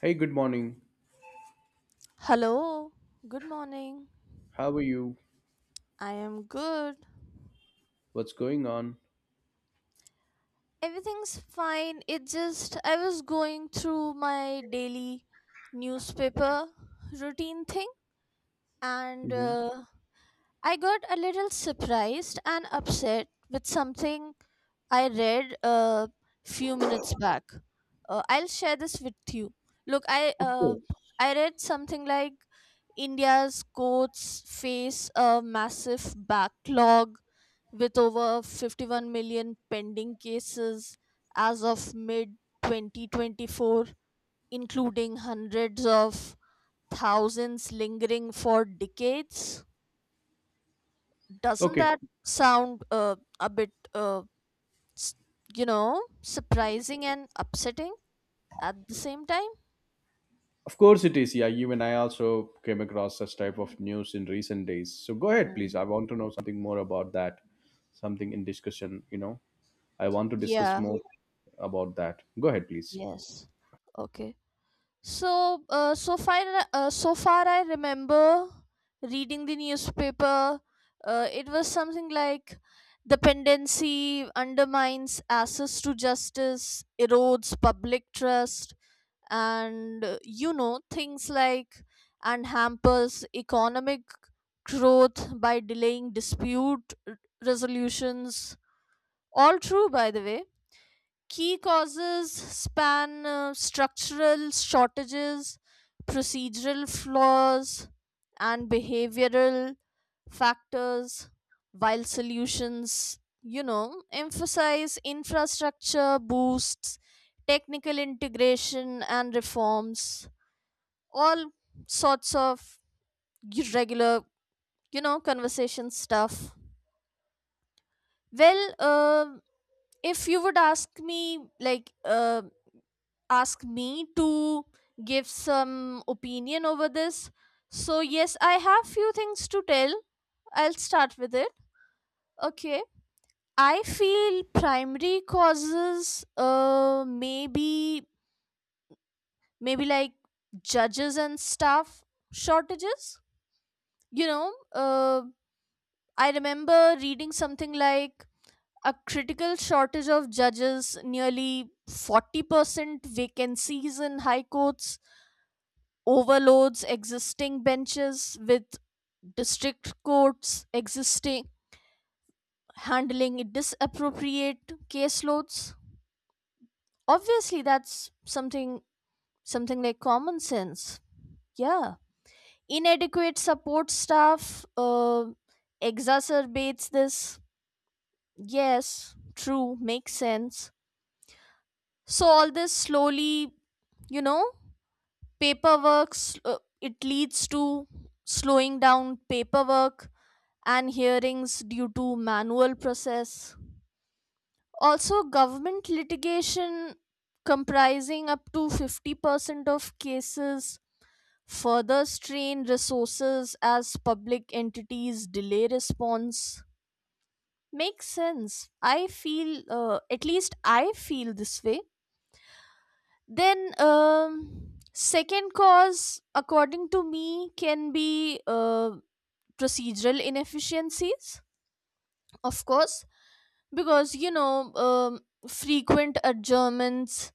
Hey, good morning. Hello, good morning. How are you? I am good. What's going on? Everything's fine. It just I was going through my daily newspaper routine thing and Hmm. uh, I got a little surprised and upset with something I read a few minutes back. I'll share this with you. Look, Of course. I read something like India's courts face a massive backlog with over 51 million pending cases as of mid 2024, including hundreds of thousands lingering for decades. Doesn't Okay, that sound a bit, s- you know, surprising and upsetting at the same time? of course it is. Yeah, you and I also came across such type of news in recent days. So go ahead, please. Mhm. I want to know something more about that. Something in discussion, you know. I want to discuss Yeah, more about that. Go ahead, please. yes. Okay. So, so far, I remember reading the newspaper. It was something like dependency undermines access to justice, erodes public trust, and you know things like and hampers economic growth by delaying resolutions. All true, by the way. Key causes span structural shortages, procedural flaws, and behavioral factors, while solutions, you know, emphasize infrastructure boosts, technical integration, and reforms, all sorts of regular, you know, conversation stuff. Well, if you would ask me, ask me to give some opinion over this. So yes, I have few things to tell. I'll start with it. Okay. I feel primary causes maybe like judges and staff shortages. You know, I remember reading something like a critical shortage of judges, nearly 40% vacancies in high courts overloads existing benches with district courts existing handling disappropriate caseloads. Obviously that's something like common sense. Yeah, inadequate support staff exacerbates this. Yes, true, makes sense. So all this slowly, you know, it leads to slowing down paperwork and hearings due to manual process. Also, government litigation comprising up to 50% of cases further strain resources as public entities delay response. Makes sense. I feel, at least I feel this way. Then, second cause, according to me, can be procedural inefficiencies, of course. Because you know, frequent adjournments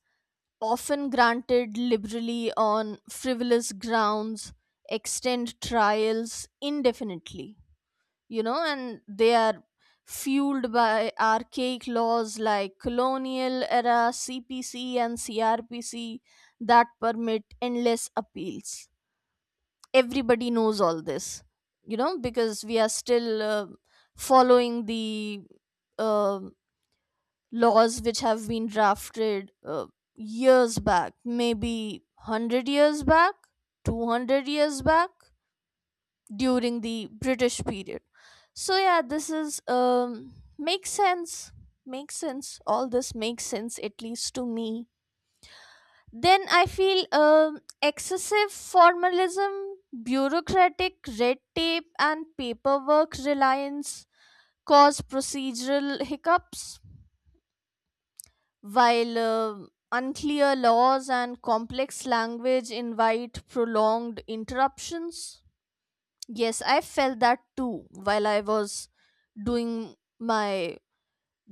often granted liberally on frivolous grounds extend trials indefinitely, you know, and they are fueled by archaic laws like colonial era cpc and crpc that permit endless appeals. Everybody knows all this, you know, because we are still following the um laws which have been drafted years back, maybe 100 years back, 200 years back, during the british period. So yeah, this is makes sense. Makes sense, all this makes sense, at least to me. Then I feel excessive formalism, bureaucratic red tape and paperwork reliance cause procedural hiccups, while unclear laws and complex language invite prolonged interruptions. Yes, I felt that too while I was doing my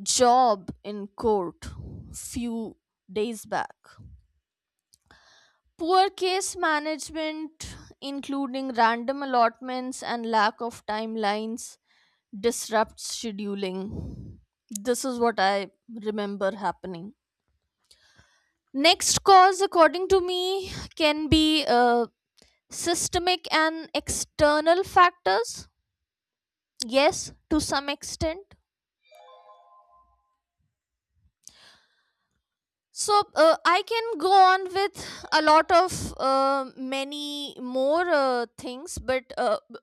job in court few days back. Poor case management, including random allotments and lack of timelines, disrupts scheduling. This is what I remember happening. Next cause, according to me, can be systemic and external factors. Yes, to some extent. So I can go on with a lot of many more things, but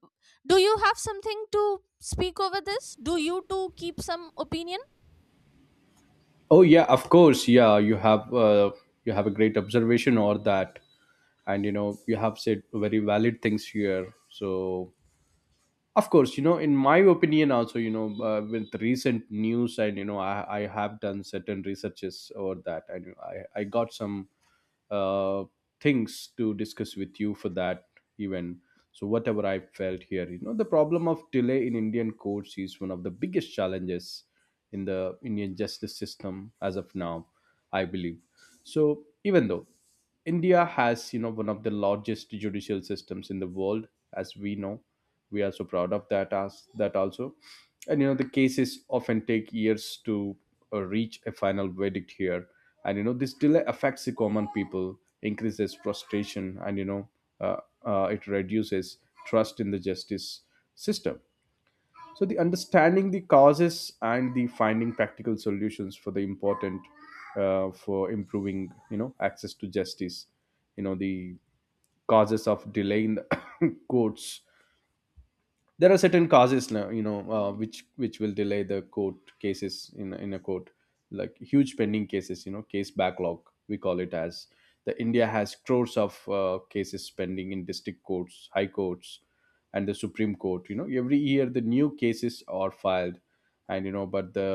do you have something to speak over this? Do you too keep some opinion? Oh yeah, of course. Yeah, you have a great observation or that, and you know you have said very valid things here. So of course, you know, in my opinion also, you know, with recent news, and you know I have done certain researches over that, and I got some uh, things to discuss with you for that even. So whatever I felt here, you know, the problem of delay in Indian courts is one of the biggest challenges in the Indian justice system as of now, I believe. So even though India has, you know, one of the largest judicial systems in the world, as we know. We are so proud of that as that also. And you know, the cases often take years to reach a final verdict here. And you know, this delay affects the common people, increases frustration, and uh, it reduces trust in the justice system. So the understanding the causes and the finding practical solutions for the important for improving, you know, access to justice. You know the causes of delay in the courts, there are certain causes now, you know, which will delay the court cases in a court, like huge pending cases, you know, case backlog we call it as. The India has crores of cases pending in district courts, high courts, and the Supreme Court. You know, every year the new cases are filed, and you know, but the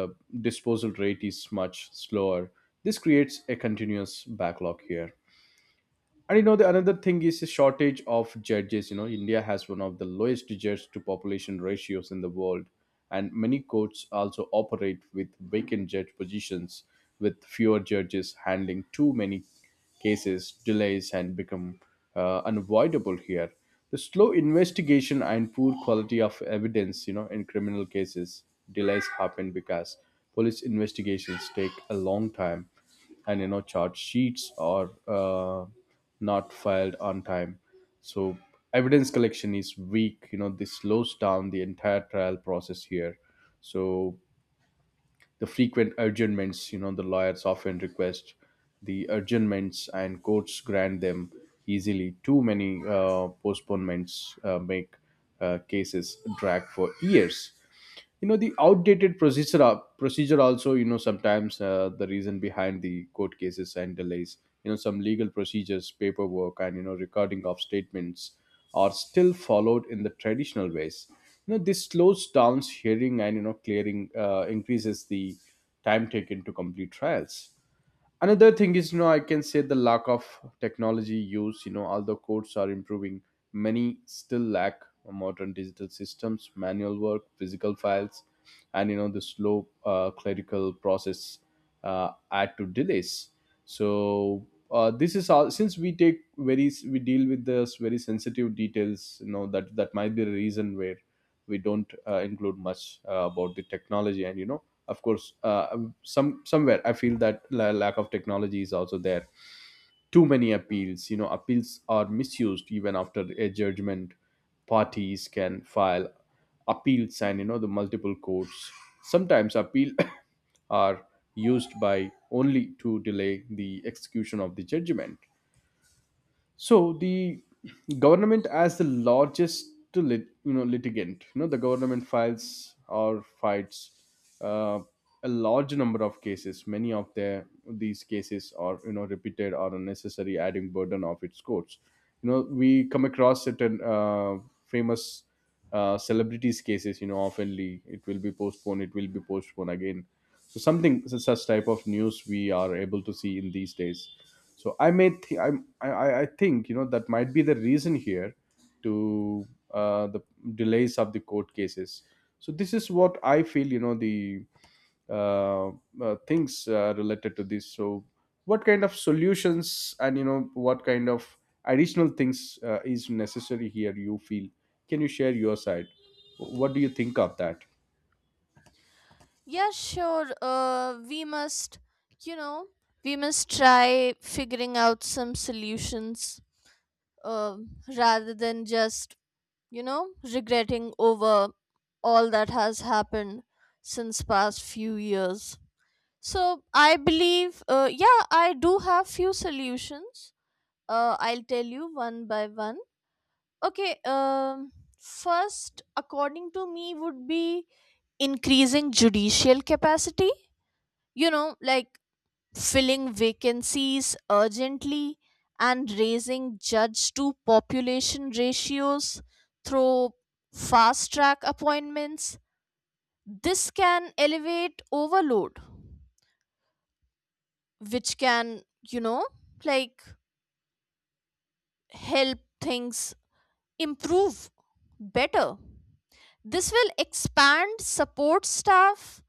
disposal rate is much slower. This creates a continuous backlog here. And you know, the another thing is the shortage of judges. You know, India has one of the lowest judge to population ratios in the world, and many courts also operate with vacant judge positions. With fewer judges handling too many cases, delays and become unavoidable here. The slow investigation and poor quality of evidence, you know, in criminal cases, delays happen because police investigations take a long time, and you know, charge sheets are not filed on time. So evidence collection is weak, you know, this slows down the entire trial process here. So the frequent adjournments, you know, the lawyers often request the adjournments and courts grant them easily. Too many postponements make cases drag for years. You know the outdated procedure also, you know, sometimes the reason behind the court cases and delays. You know, some legal procedures, paperwork, and you know, recording of statements are still followed in the traditional ways. You know, this slows down hearing, and you know, clearing increases the time taken to complete trials. Another thing is, you know, I can say the lack of technology use. You know, although courts are improving, many still lack modern digital systems, manual work, physical files, and you know, the slow clerical process add to delays. So this is all, since we take very, we deal with this very sensitive details, you know, that that might be the reason where we don't include much about the technology. And you know, of course, some somewhere I feel that lack of technology is also there. Too many appeals, you know, appeals are misused. Even after a judgment, parties can file appeals, and you know, the multiple courts sometimes appeal are used by only to delay the execution of the judgment. So the government as the largest you know, litigant, you know, the government files or fights uh, a large number of cases. Many of their these cases are, you know, repeated or unnecessary, adding burden of its courts. You know, we come across certain famous celebrities cases. You know, oftenly it will be postponed, it will be postponed again. So something such type of news we are able to see in these days. So I may I'm, I think, you know, that might be the reason here to the delays of the court cases. So this is what I feel, you know, the uh, things related to this. So what kind of solutions, and you know, what kind of additional things is necessary here you feel? Can you share your side? What do you think of that? Yeah, sure. We must, you know, we must try figuring out some solutions, rather than just, you know, regretting over all that has happened since past few years. So I believe, yeah, I do have few solutions. I'll tell you one by one. Okay, first, according to me, would be increasing judicial capacity. You know, like filling vacancies urgently and raising judge to population ratios through fast track appointments. This can elevate overload, which can, you know, like help things improve better. This will expand support staff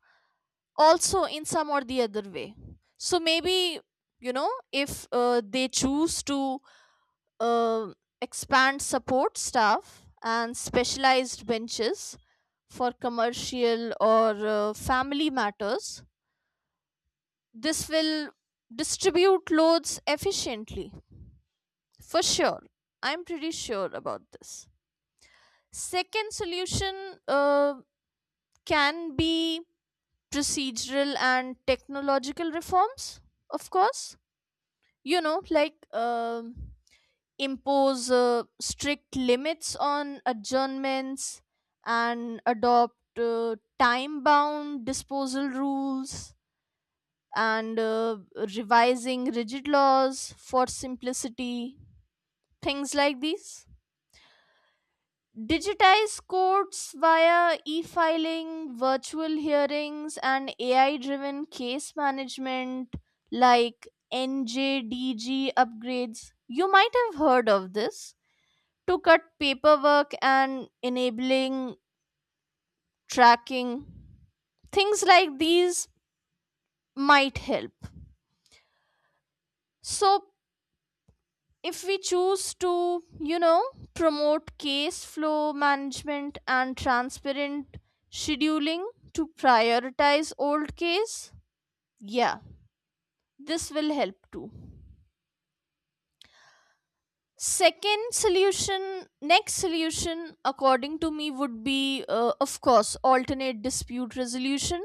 also in some or the other way. So maybe, you know, if they choose to uh, expand support staff and specialized benches for commercial or family matters. This will distribute loads efficiently for sure. I'm pretty sure about this. Second solution uh, can be procedural and technological reforms, of course. You know, like impose strict limits on adjournments and adopt time bound disposal rules and revising rigid laws for simplicity, things like these. Digitize courts via e filing, virtual hearings, and AI driven case management like NJDG upgrades. You might have heard of this, to cut paperwork and enabling tracking. Things like these might help. So, if we choose to, you know, promote case flow management and transparent scheduling to prioritize old case, yeah, this will help too. Second solution, next solution, according to me, would be, of course, alternate dispute resolution.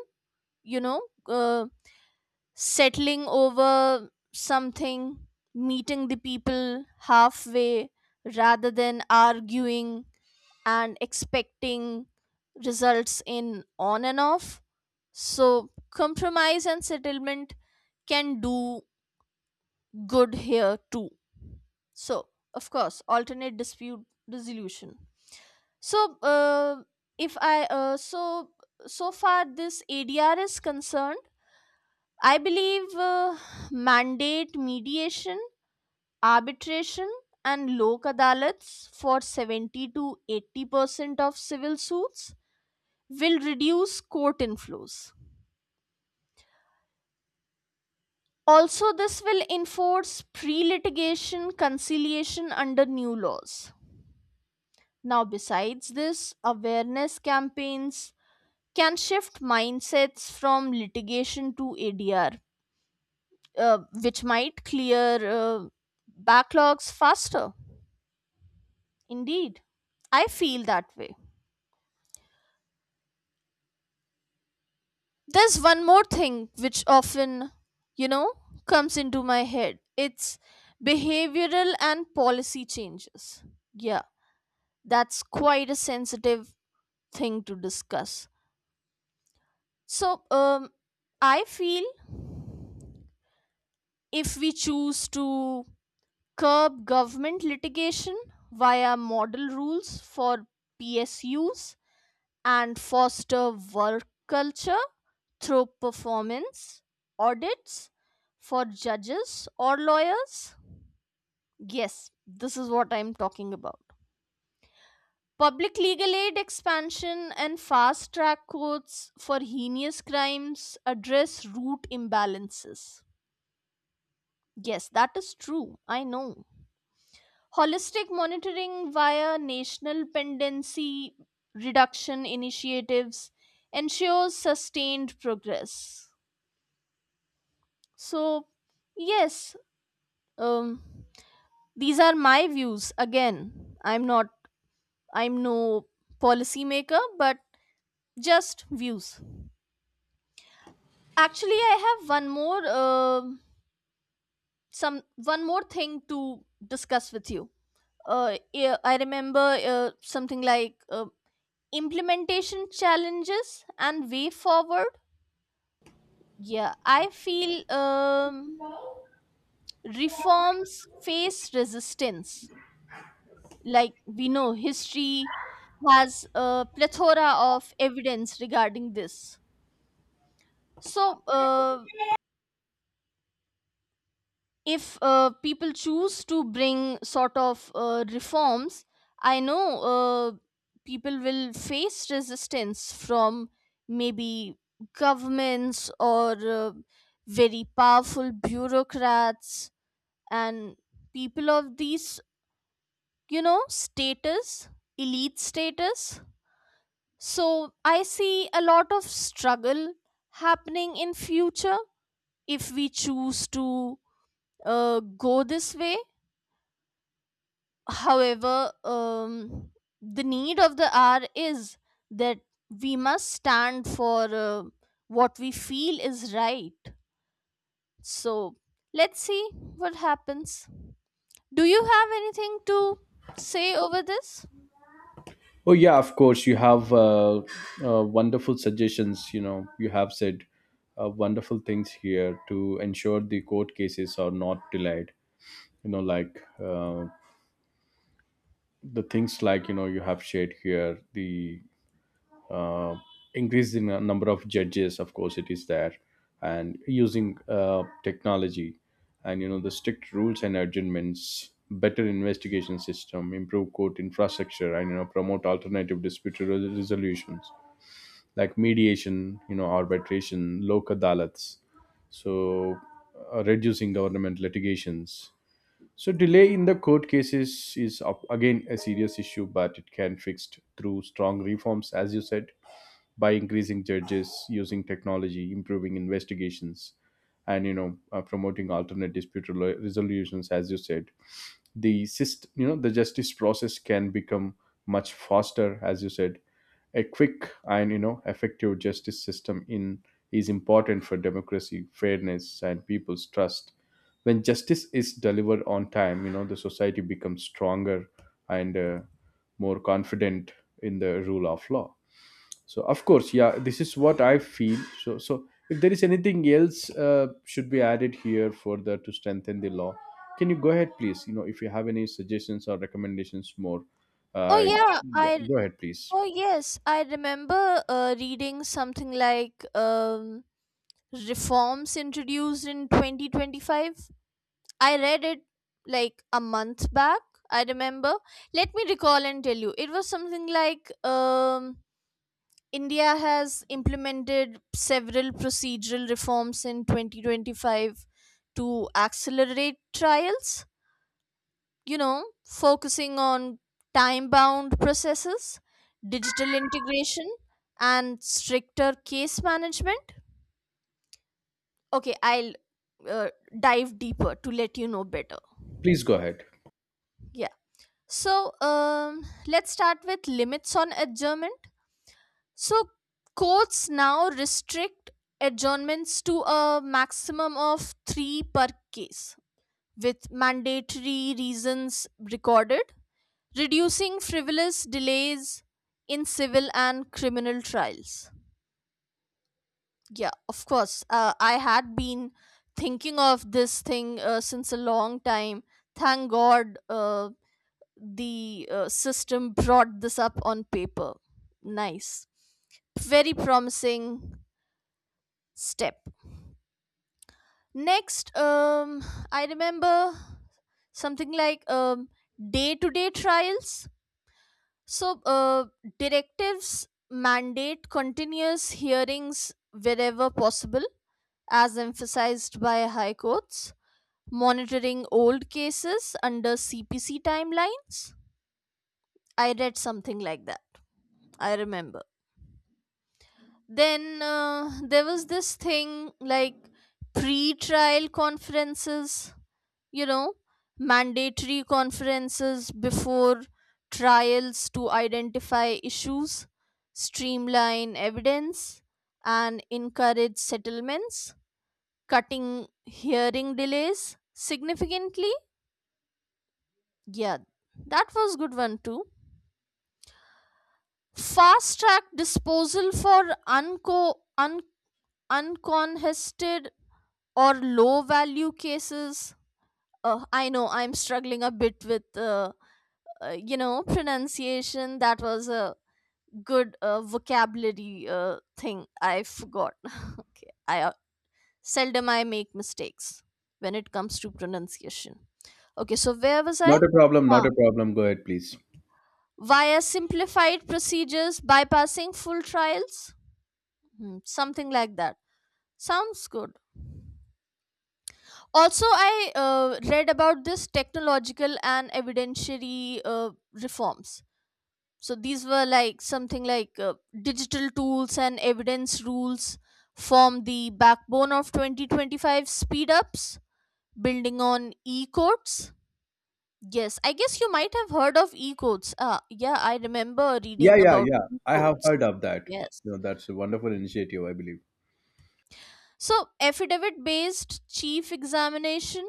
You know, settling over something, meeting the people halfway rather than arguing and expecting results in on and off. So, compromise and settlement can do good here too. So, of course, alternate dispute resolution. So, if I so so far this ADR is concerned, I believe mandate mediation, arbitration and lok adalats for 70 to 80% of civil suits will reduce court inflows. Also, this will enforce pre litigation conciliation under new laws. Now, besides this, awareness campaigns can shift mindsets from litigation to ADR, which might clear backlogs faster. Indeed, I feel that way. There's one more thing which often, you know, comes into my head. It's behavioral and policy changes. Yeah, that's quite a sensitive thing to discuss. So, I feel if we choose to curb government litigation via model rules for PSUs, and foster work culture through performance audits for judges or lawyers? Yes, this is what I'm talking about. Public legal aid expansion and fast track courts for heinous crimes address root imbalances. Yes, that is true. I know. Holistic monitoring via national pendency reduction initiatives ensures sustained progress. So, yes, um, these are my views. Again, I'm no policymaker, but just views. Actually, I have one more, some one more thing to discuss with you. Yeah, I remember something like implementation challenges and way forward. Yeah, I feel reforms face resistance, like we know history has a plethora of evidence regarding this. So if people choose to bring sort of reforms, I know people will face resistance from maybe governments or uh, very powerful bureaucrats and people of these, you know, status, elite status. So I see a lot of struggle happening in future if we choose to go this way. However, the need of the hour is that we must stand for what we feel is right. So let's see what happens. Do you have anything to say over this? Oh yeah, of course. You have wonderful suggestions. You know, you have said wonderful things here to ensure the court cases are not delayed. You know, like the things like, you know, you have shared here the uh, increase in the number of judges. Of course, it is there, and using technology, and you know, the strict rules and adjournments, better investigation system, improve court infrastructure, and you know, promote alternative dispute resolutions like mediation, you know, arbitration, local dalats, so reducing government litigations. So delay in the court cases is again a serious issue, but it can fixed through strong reforms, as you said, by increasing judges, using technology, improving investigations, and you know, promoting alternate dispute resolutions. As you said, the system, you know, the justice process can become much faster. As you said, a quick and you know, effective justice system in is important for democracy, fairness, and people's trust. When justice is delivered on time, you know, the society becomes stronger and more confident in the rule of law. So of course, yeah, this is what I feel. So so if there is anything else should be added here further to strengthen the law, can you go ahead, please? You know, if you have any suggestions or recommendations more, Oh uh, yeah, yeah, I go ahead please. oh yes, I remember reading something like reforms introduced in 2025. I read it like a month back, I remember. Let me recall and tell you. It was something like India has implemented several procedural reforms in 2025 to accelerate trials, you know, focusing on time bound processes, digital integration, and stricter case management. Okay, I'll uh, dive deeper to let you know better. Please go ahead. Yeah, so, let's start with limits on adjournment. So courts now restrict adjournments to a maximum of three per case with mandatory reasons recorded, reducing frivolous delays in civil and criminal trials. Yeah, of course. I had been thinking of this thing since a long time. Thank God the system brought this up on paper. Nice. Very promising step. Next, I remember something like day-to-day trials. So, directives mandate continuous hearings wherever possible, as emphasized by high courts monitoring old cases under CPC timelines. I read something like that. I remember. Then there was this thing like pre trial conferences, you know, mandatory conferences before trials to identify issues, streamline evidence, and encourage settlements, cutting hearing delays significantly. Yeah, that was good one too. Fast track disposal for uncontested or low value cases. I know I'm struggling a bit with, you know, pronunciation. That was a good vocabulary thing I forgot. Okay. I seldom I make mistakes when it comes to pronunciation. Okay, so where was I? Not a problem, not Huh. a problem, go ahead please. Via simplified procedures bypassing full trials. Hmm, something like that. Sounds good. Also I read about this technological and evidentiary reforms. So these were like something like digital tools and evidence rules form the backbone of 2025 speed ups, building on e-codes. Yes, I guess you might have heard of e-codes. Ah, yeah, I remember Yeah, reading yeah, about yeah, I have e-codes. heard of that. Yes, You know, that's a wonderful initiative, I believe. so affidavit based chief examination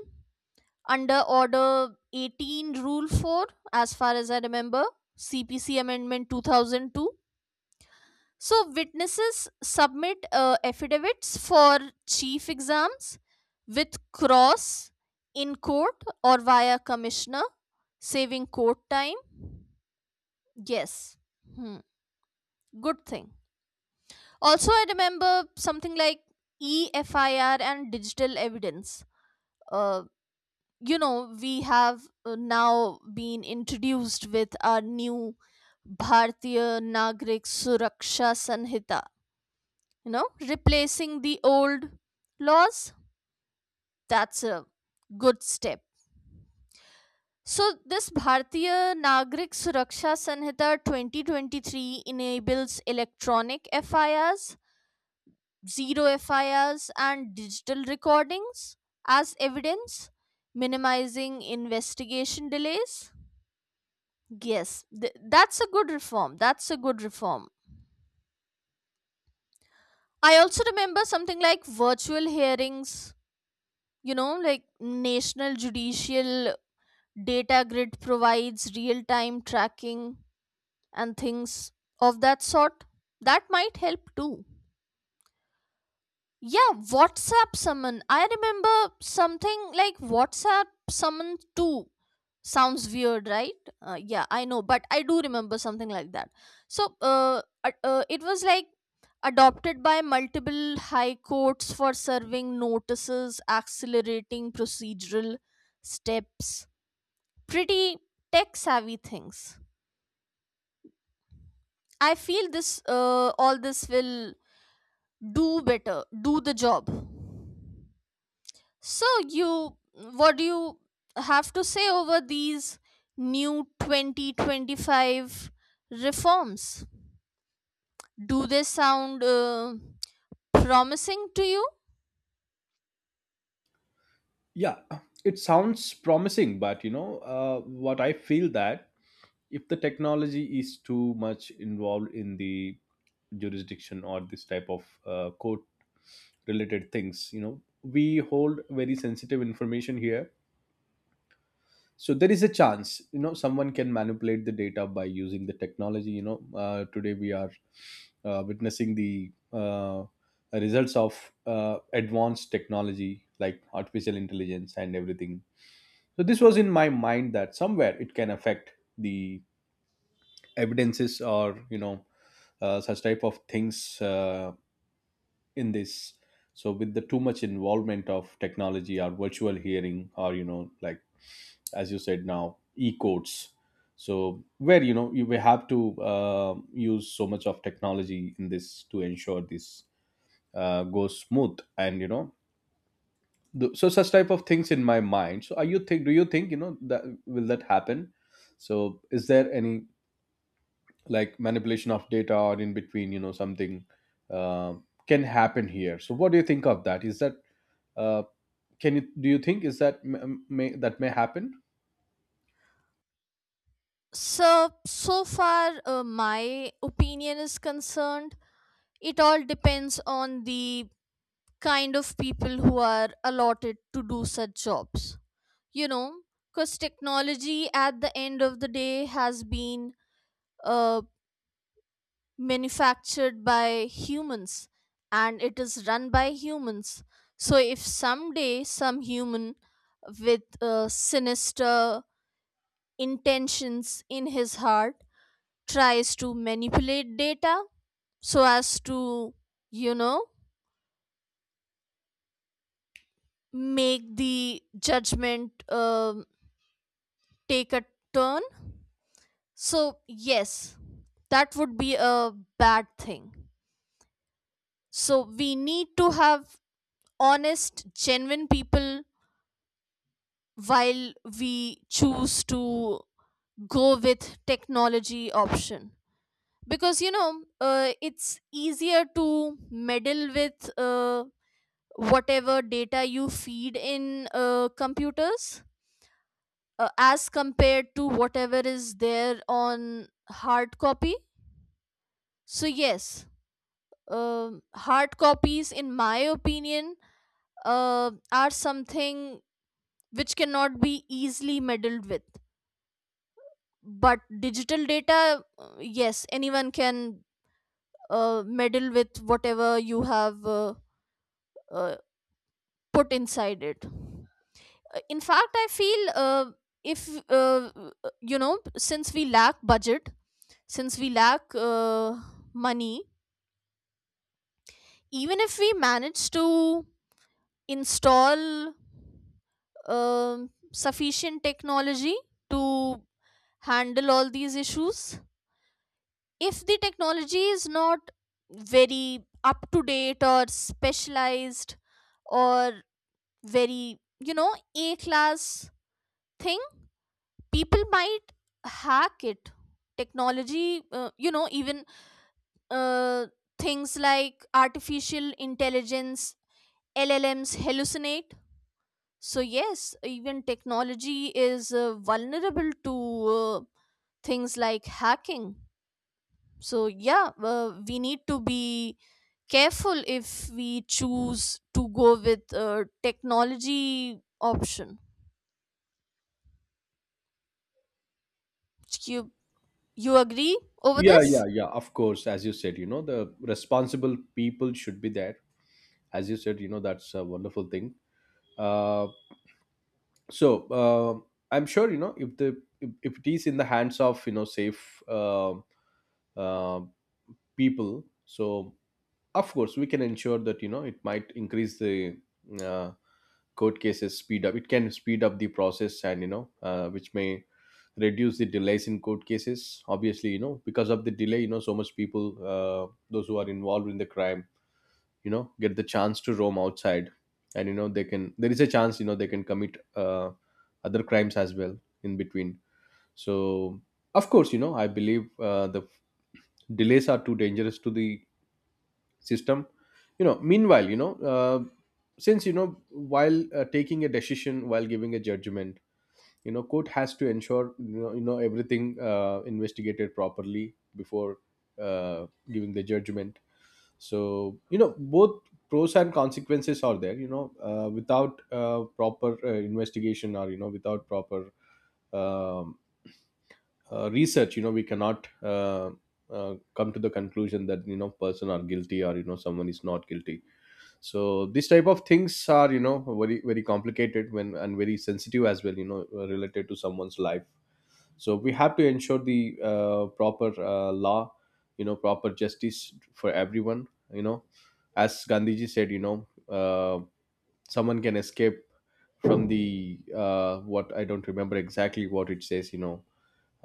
under order 18 rule 4, as far as I remember, cpc amendment 2002. So witnesses submit affidavits for chief exams with cross in court or via commissioner, saving court time. Yes. Hmm, good thing. Also I remember something like efir and digital evidence. Uh, you know we have now been introduced with our new Bhartiya Nagrik Suraksha Sanhita, you know, replacing the old laws. That's a good step. So, this Bhartiya Nagrik Suraksha Sanhita 2023 enables electronic FIRs, zero FIRs, and digital recordings as evidence, minimizing investigation delays. Yes, that's a good reform. That's a good reform. I also remember something like virtual hearings, you know, like National Judicial Data Grid provides real time tracking and things of that sort. That might help too. Yeah, WhatsApp summon. I remember something like WhatsApp summon too. Sounds weird, right? Yeah, I know, but I do remember something like that. So, it was like adopted by multiple high courts for serving notices, accelerating procedural steps. Pretty tech savvy things. I feel this, all this will do better, do the job. So you what do you have to say over these new 2025 reforms? Do they sound promising to you? Yeah, it sounds promising, but you know, what I feel that if the technology is too much involved in the jurisdiction or this type of court related things, you know, we hold very sensitive information here. So there is a chance, you know, someone can manipulate the data by using the technology. You know, today we are witnessing the results of advanced technology like artificial intelligence and everything. So this was in my mind that somewhere it can affect the evidences, or you know, such type of things in this. So with the too much involvement of technology or virtual hearing, or you know, like as you said, now e-codes, so where, you know, you will have to use so much of technology in this to ensure this goes smooth, and you know, so such type of things in my mind. So are you think, do you think, you know, that will that happen? So is there any like manipulation of data or in between, you know, something uh, can happen here? So what do you think of that? Is that uh, can you, do you think, is that may that may happen? So so far my opinion is concerned, it all depends on the kind of people who are allotted to do such jobs. You know, because technology at the end of the day has been uh, manufactured by humans and it is run by humans. So, if someday some human with sinister intentions in his heart tries to manipulate data so as to, you know, make the judgment take a turn, so, yes, that would be a bad thing. So, we need to have honest, genuine people while we choose to go with technology option, because you know it's easier to meddle with whatever data you feed in computers, as compared to whatever is there on hard copy. So yes, hard copies, in my opinion, are something which cannot be easily meddled with, but digital data, yes, anyone can meddle with whatever you have uh, put inside it. In fact, I feel if uh, you know, since we lack budget, since we lack money, even if we manage to install um sufficient technology to handle all these issues, if the technology is not very up to date or specialized or very you know a class thing, people might hack it. Technology, you know, even uh, things like artificial intelligence llms hallucinate. So yes, even technology is vulnerable to uh, things like hacking. So yeah, we need to be careful if we choose to go with a technology option. you you agree over Yeah, this? yeah, yeah, of course. As you said, you know, the responsible people should be there. As you said, you know, that's a wonderful thing. uh, so I'm sure, you know, if the if it is in the hands of, you know, safe uh, people, so of course we can ensure that. You know, it might increase the uh, court cases speed up, it can speed up the process, and you know, which may reduce the delays in court cases. Obviously, you know, because of the delay, you know, so much people, those who are involved in the crime, you know, get the chance to roam outside, and you know, they can, there is a chance, you know, they can commit other crimes as well in between. So of course, you know, I believe the delays are too dangerous to the system. You know, meanwhile, you know, since, you know, while taking a decision, while giving a judgment, you know, court has to ensure, you know, you know, everything investigated properly before giving the judgment. So you know, both pros and consequences are there. You know, without proper investigation, or you know, without proper um, research, you know, we cannot come to the conclusion that, you know, person are guilty, or you know, someone is not guilty. So these type of things are, you know, very very complicated when, and very sensitive as well, you know, related to someone's life. So we have to ensure the proper law, you know, proper justice for everyone. You know, as Gandhiji said, you know, someone can escape from the what I don't remember exactly what it says, you know,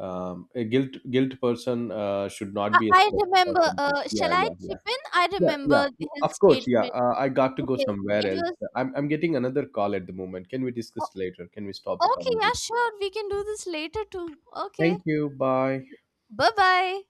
a guilt person should not I, be I escaped or remember. something. Yeah, Shall I yeah, chip yeah. in? I Yeah, remember yeah, his of course. Yeah, statement. I got to go Okay, somewhere it was else. I'm getting another call at the moment. Can we o- discuss later? Can we stop the okay. Yeah, conversation? sure. We can do this later too. Okay. Thank you. Bye. Bye bye.